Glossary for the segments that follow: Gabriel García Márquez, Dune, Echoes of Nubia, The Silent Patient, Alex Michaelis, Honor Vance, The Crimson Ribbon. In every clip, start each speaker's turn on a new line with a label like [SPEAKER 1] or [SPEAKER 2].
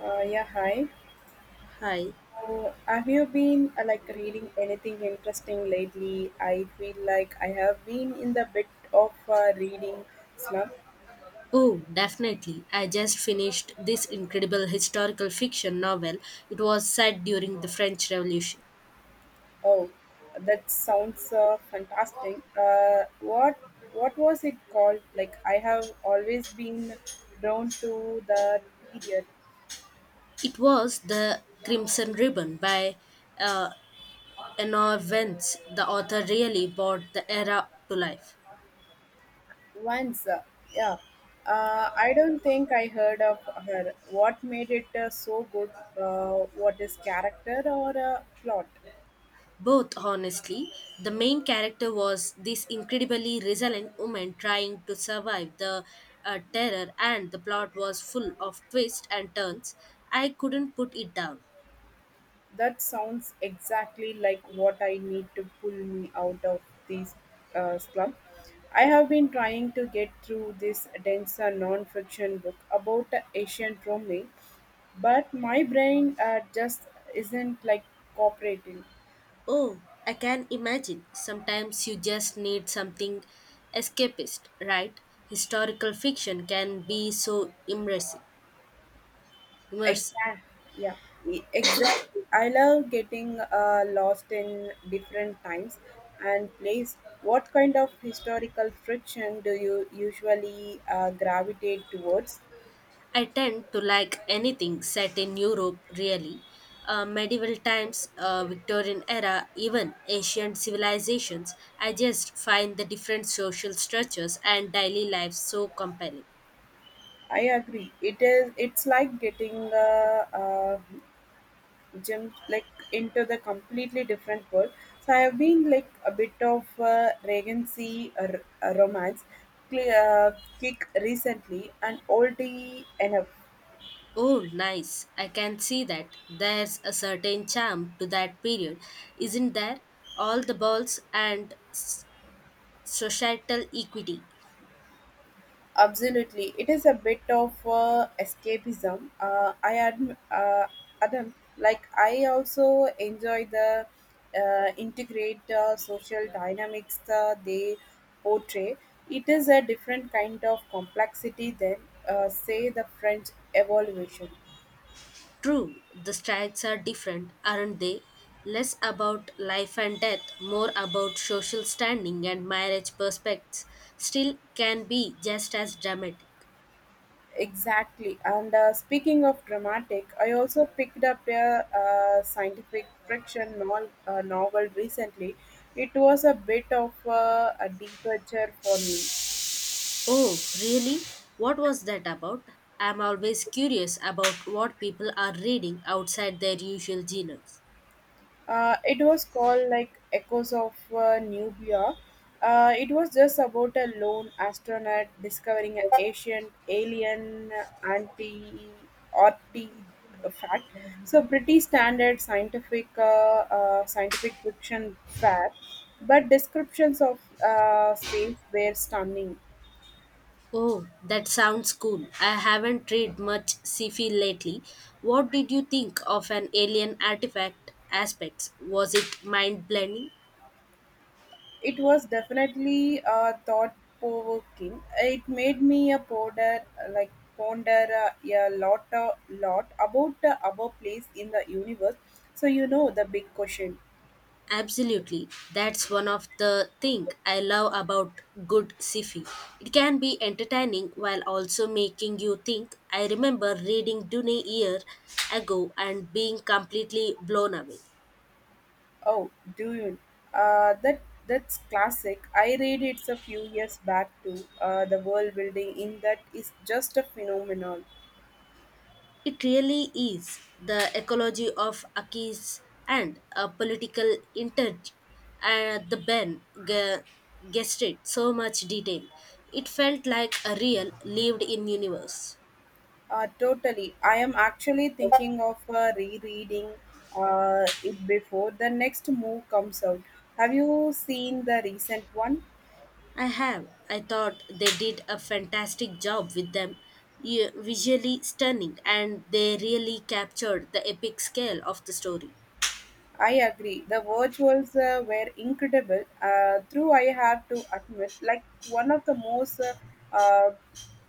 [SPEAKER 1] Yeah, hi.
[SPEAKER 2] Hi.
[SPEAKER 1] Have you been like reading anything interesting lately? I feel like I have been in the bit of reading slump.
[SPEAKER 2] Oh, definitely. I just finished this incredible historical fiction novel. It was set during the French Revolution.
[SPEAKER 1] Oh, that sounds fantastic. What was it called? Like I have always been drawn to the period
[SPEAKER 2] It was The Crimson Ribbon by uh, Honor Vance. The author really brought the era to life.
[SPEAKER 1] once. Yeah, I don't think I heard of her. What made it so good? What is character or plot?
[SPEAKER 2] Both, honestly, the main character was this incredibly resilient woman trying to survive the terror, and the plot was full of twists and turns. I couldn't put it down.
[SPEAKER 1] That sounds exactly like what I need to pull me out of this slump. I have been trying to get through this denser non fiction book about ancient Rome, but my brain just isn't like cooperating.
[SPEAKER 2] Oh, I can imagine. Sometimes you just need something escapist, right? Historical fiction can be so immersive.
[SPEAKER 1] Exactly. Yeah. Exactly. I love getting lost in different times and place. What kind of historical friction do you usually gravitate towards?
[SPEAKER 2] I tend to like anything set in Europe, really. Medieval times, Victorian era, even ancient civilizations. I just find the different social structures and daily lives so compelling.
[SPEAKER 1] I agree. It is. It's like getting gym like into the completely different world. So I have been like a bit of regency romance cl- kick recently, and oldie enough.
[SPEAKER 2] Oh, nice. I can see that. There's a certain charm to that period, isn't there? All the balls and societal equity.
[SPEAKER 1] Absolutely, it is a bit of escapism. Adam, like I also enjoy the integrate social dynamics they portray. It is a different kind of complexity than, say, the French evolution.
[SPEAKER 2] True, the strikes are different, aren't they? Less about life and death, more about social standing and marriage prospects. Still can be just as dramatic.
[SPEAKER 1] Exactly. And speaking of dramatic, I also picked up a scientific fiction novel recently. It was a bit of a departure for me.
[SPEAKER 2] Oh, really? What was that about? I'm always curious about what people are reading outside their usual genres.
[SPEAKER 1] It was called like Echoes of Nubia. It was just about a lone astronaut discovering an ancient alien anti artifact. So pretty standard scientific scientific fiction fact, but descriptions of space were stunning.
[SPEAKER 2] Oh, that sounds cool. I haven't read much sci-fi lately. What did you think of an alien artifact aspects? Was it mind-blending?
[SPEAKER 1] It was definitely thought provoking. It made me a ponder, like ponder a lot, lot about our place in the universe. So you know the big question.
[SPEAKER 2] Absolutely. That's one of the thing I love about good sci-fi. It can be entertaining while also making you think. I remember reading Dune a year ago and being completely blown away.
[SPEAKER 1] Oh, do you? Uh, that that's classic. I read it's a few years back too. The world building in that is just a phenomenon.
[SPEAKER 2] It really is the ecology of Aki's and a political inter the guessed it so much detail. It felt like a real lived in universe.
[SPEAKER 1] Totally. I am actually thinking of rereading it before the next move comes out. Have you seen the recent one?
[SPEAKER 2] I have. I thought they did a fantastic job with them. Yeah, visually stunning, and they really captured the epic scale of the story.
[SPEAKER 1] I agree. The virtuals were incredible. True, I have to admit, like one of the most uh,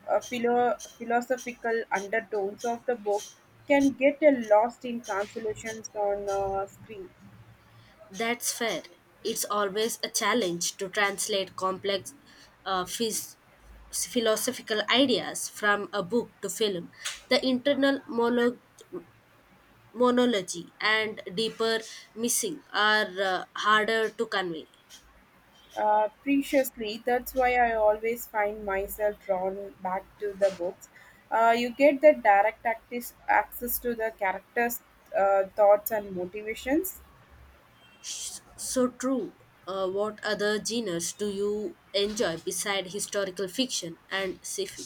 [SPEAKER 1] philosophical undertones of the book can get lost in translations on screen.
[SPEAKER 2] That's fair. It's always a challenge to translate complex uh, phys- philosophical ideas from a book to film. The internal monology and deeper missing are harder to convey.
[SPEAKER 1] Preciously, that's why I always find myself drawn back to the books. You get the direct access to the characters' thoughts and motivations.
[SPEAKER 2] So true. What other genres do you enjoy beside historical fiction and sci-fi?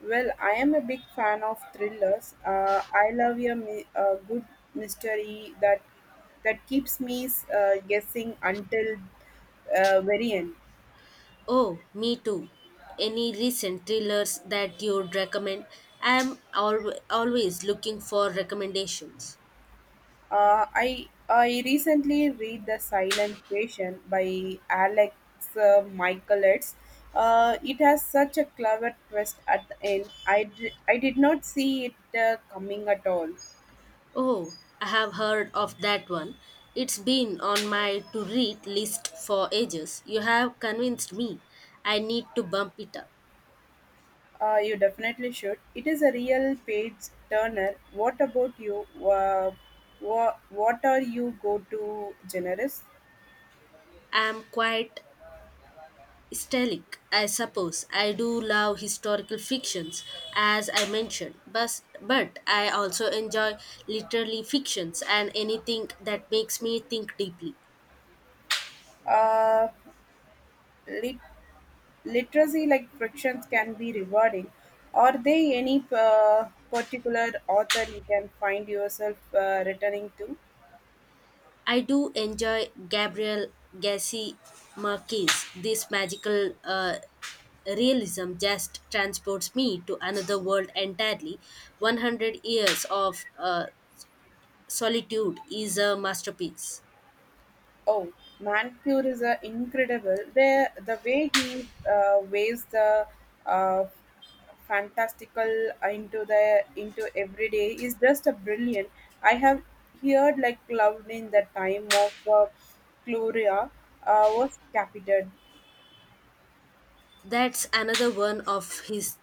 [SPEAKER 1] Well, I am a big fan of thrillers. I love a, a good mystery that keeps me guessing until very end.
[SPEAKER 2] Oh, me too. Any recent thrillers that you'd recommend? I'm always looking for recommendations.
[SPEAKER 1] I recently read The Silent Patient by Alex Michaelis. It has such a clever twist at the end. I did not see it coming at all.
[SPEAKER 2] Oh, I have heard of that one. It's been on my to read list for ages. You have convinced me. I need to bump it up.
[SPEAKER 1] You definitely should. It is a real page turner. What about you? What are you go to generous?
[SPEAKER 2] I'm quite Stellic, I suppose. I do love historical fictions, as I mentioned, but I also enjoy literary fictions and anything that makes me think deeply.
[SPEAKER 1] Uh, lit- Literacy like frictions can be rewarding. Are there any particular author you can find yourself returning to?
[SPEAKER 2] I do enjoy Gabriel Garcia Marquez. This magical realism just transports me to another world entirely. 100 years of solitude is a masterpiece.
[SPEAKER 1] Oh, Mancure is incredible. The way he weighs the uh, fantastical into the into everyday is just a brilliant. I have heard like loved in the time of Gloria was captured.
[SPEAKER 2] That's another one of his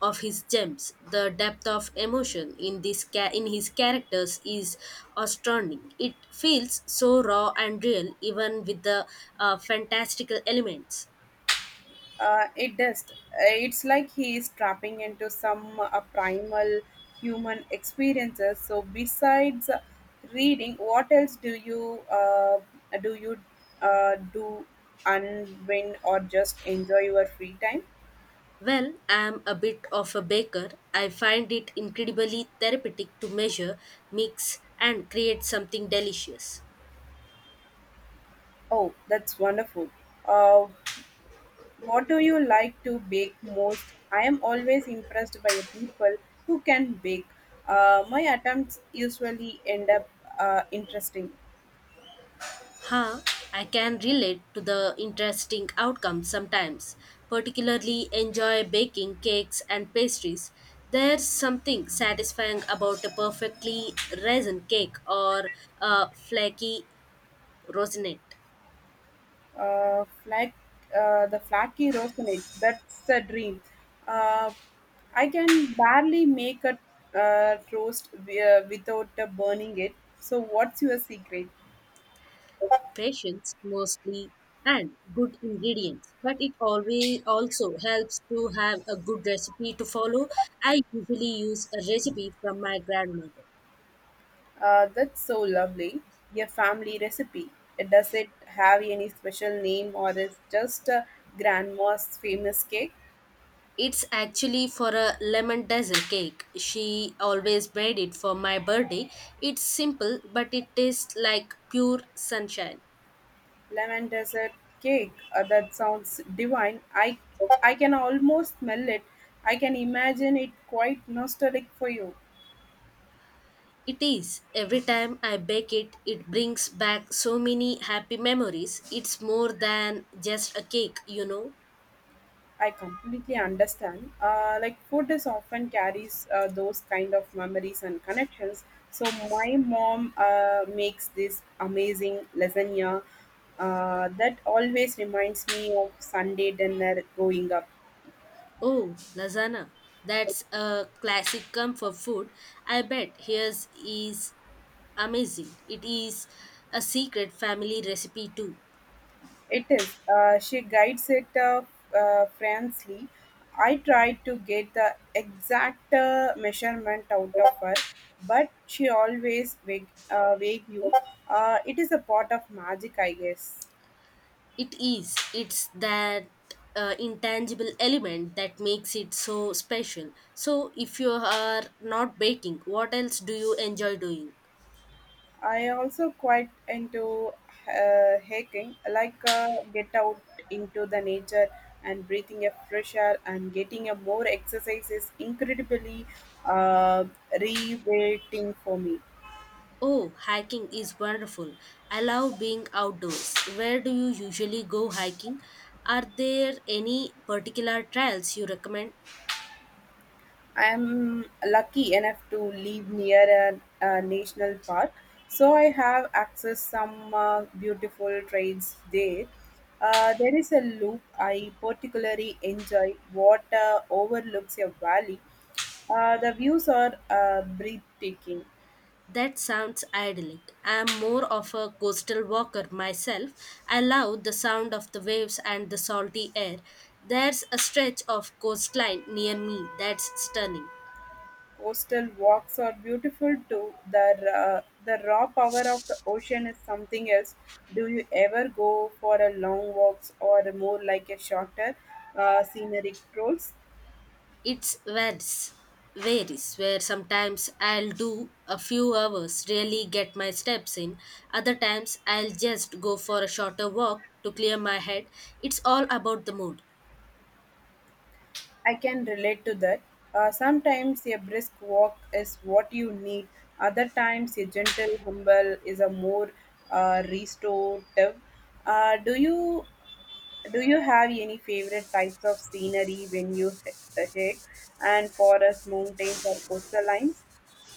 [SPEAKER 2] of his gems. The depth of emotion in in his characters is astounding. It feels so raw and real, even with the fantastical elements.
[SPEAKER 1] It does. It's like he is tapping into some primal human experiences. So, besides reading, what else do you do you do and when or just enjoy your free time?
[SPEAKER 2] Well, I am a bit of a baker. I find it incredibly therapeutic to measure, mix, and create something delicious.
[SPEAKER 1] Oh, that's wonderful. Uh, what do you like to bake most? I am always impressed by people who can bake. My attempts usually end up interesting.
[SPEAKER 2] Huh, I can relate to the interesting outcomes sometimes, particularly enjoy baking cakes and pastries. There's something satisfying about a perfectly raisin cake or a flaky rosinette.
[SPEAKER 1] uh, flat, the flaky rosinate. That's a dream. Uh, I can barely make a toast without burning it. So, what's your secret?
[SPEAKER 2] Patience mostly and good ingredients, but it always also helps to have a good recipe to follow. I usually use a recipe from my grandmother.
[SPEAKER 1] That's so lovely. Your family recipe. Does it have any special name or is just grandma's famous cake?
[SPEAKER 2] It's actually for a lemon dessert cake. She always made it for my birthday. It's simple, but it tastes like pure sunshine.
[SPEAKER 1] Lemon dessert cake. That sounds divine. I can almost smell it. I can imagine it quite nostalgic for you.
[SPEAKER 2] It is. Every time I bake it, it brings back so many happy memories. It's more than just a cake, you know.
[SPEAKER 1] I completely understand. Like food is often carries those kind of memories and connections. So my mom makes this amazing lasagna that always reminds me of Sunday dinner growing up.
[SPEAKER 2] Oh, lasagna. That's a classic comfort food. I bet hers is amazing. It is a secret family recipe too.
[SPEAKER 1] It is. She guides it frankly. I tried to get the exact measurement out of her, but she always vague, vague you. It is a part of magic, I guess.
[SPEAKER 2] It is. It's that intangible element that makes it so special. So, if you are not baking, what else do you enjoy doing?
[SPEAKER 1] I also quite into hiking, like get out into the nature and breathing a fresh air and getting a more exercise is incredibly uh, rewarding for me.
[SPEAKER 2] Oh, hiking is wonderful. I love being outdoors. Where do you usually go hiking? Are there any particular trails you recommend?
[SPEAKER 1] I am lucky enough to live near a national park, so I have access some beautiful trails there. There is a loop I particularly enjoy what overlooks a valley. The views are breathtaking.
[SPEAKER 2] That sounds idyllic. I am more of a coastal walker myself. I love the sound of the waves and the salty air. There's a stretch of coastline near me that's stunning.
[SPEAKER 1] Coastal walks are beautiful too. The raw power of the ocean is something else. Do you ever go for a long walks or more like a shorter scenic strolls?
[SPEAKER 2] It's varies, varies, where sometimes I'll do a few hours, really get my steps in. Other times I'll just go for a shorter walk to clear my head. It's all about the mood.
[SPEAKER 1] I can relate to that. Sometimes a brisk walk is what you need. Other times a gentle humble is a more restorative. Uh, do you do you have any favorite types of scenery when you hike, and forests, mountains, or coastal lines?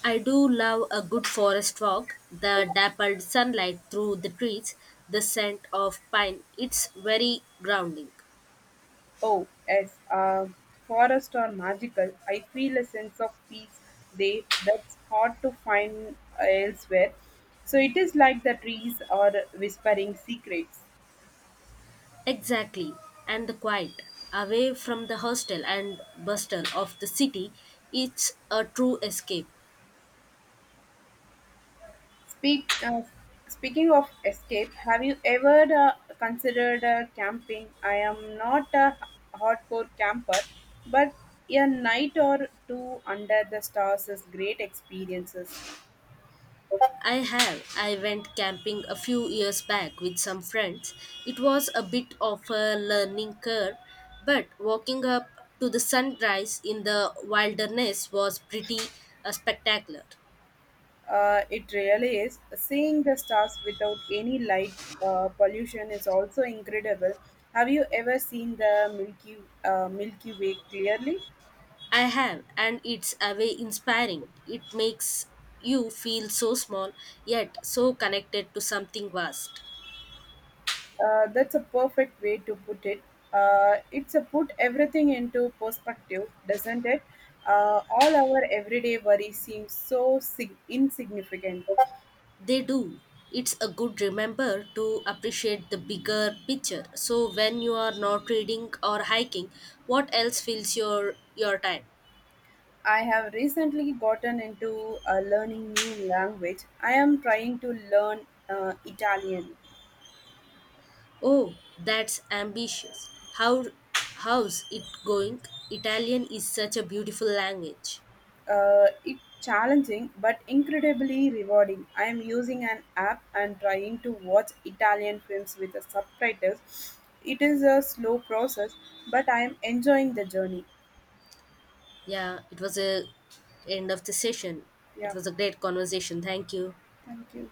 [SPEAKER 2] I do love a good forest walk, the dappled sunlight through the trees, the scent of pine. It's very grounding.
[SPEAKER 1] Oh, yes, forests are magical. I feel a sense of peace there that's hard to find elsewhere. So it is like the trees are whispering secrets.
[SPEAKER 2] Exactly. And the quiet, away from the hostel and bustle of the city, it's a true escape.
[SPEAKER 1] Speak, uh, Speaking of escape, have you ever considered camping? I am not a hardcore camper, but a night or two under the stars is great experiences.
[SPEAKER 2] I have. I went camping a few years back with some friends. It was a bit of a learning curve, but walking up to the sunrise in the wilderness was pretty spectacular.
[SPEAKER 1] It really is. Seeing the stars without any light pollution is also incredible. Have you ever seen the Milky Milky Way clearly?
[SPEAKER 2] I have, and it's a way inspiring. It makes you feel so small, yet so connected to something vast.
[SPEAKER 1] That's a perfect way to put it. It's a put everything into perspective, doesn't it? All our everyday worries seem so insignificant.
[SPEAKER 2] They do. It's a good remember to appreciate the bigger picture. So when you are not reading or hiking, what else fills your time?
[SPEAKER 1] I have recently gotten into learning new language. I am trying to learn Italian.
[SPEAKER 2] Oh, that's ambitious. How how's it going? Italian is such a beautiful language.
[SPEAKER 1] It's challenging but incredibly rewarding. I am using an app and trying to watch Italian films with the subtitles. It is a slow process, but I am enjoying the journey.
[SPEAKER 2] Yeah, it was a end of the session.
[SPEAKER 1] Yeah,
[SPEAKER 2] It was a great conversation. Thank you.
[SPEAKER 1] thank you.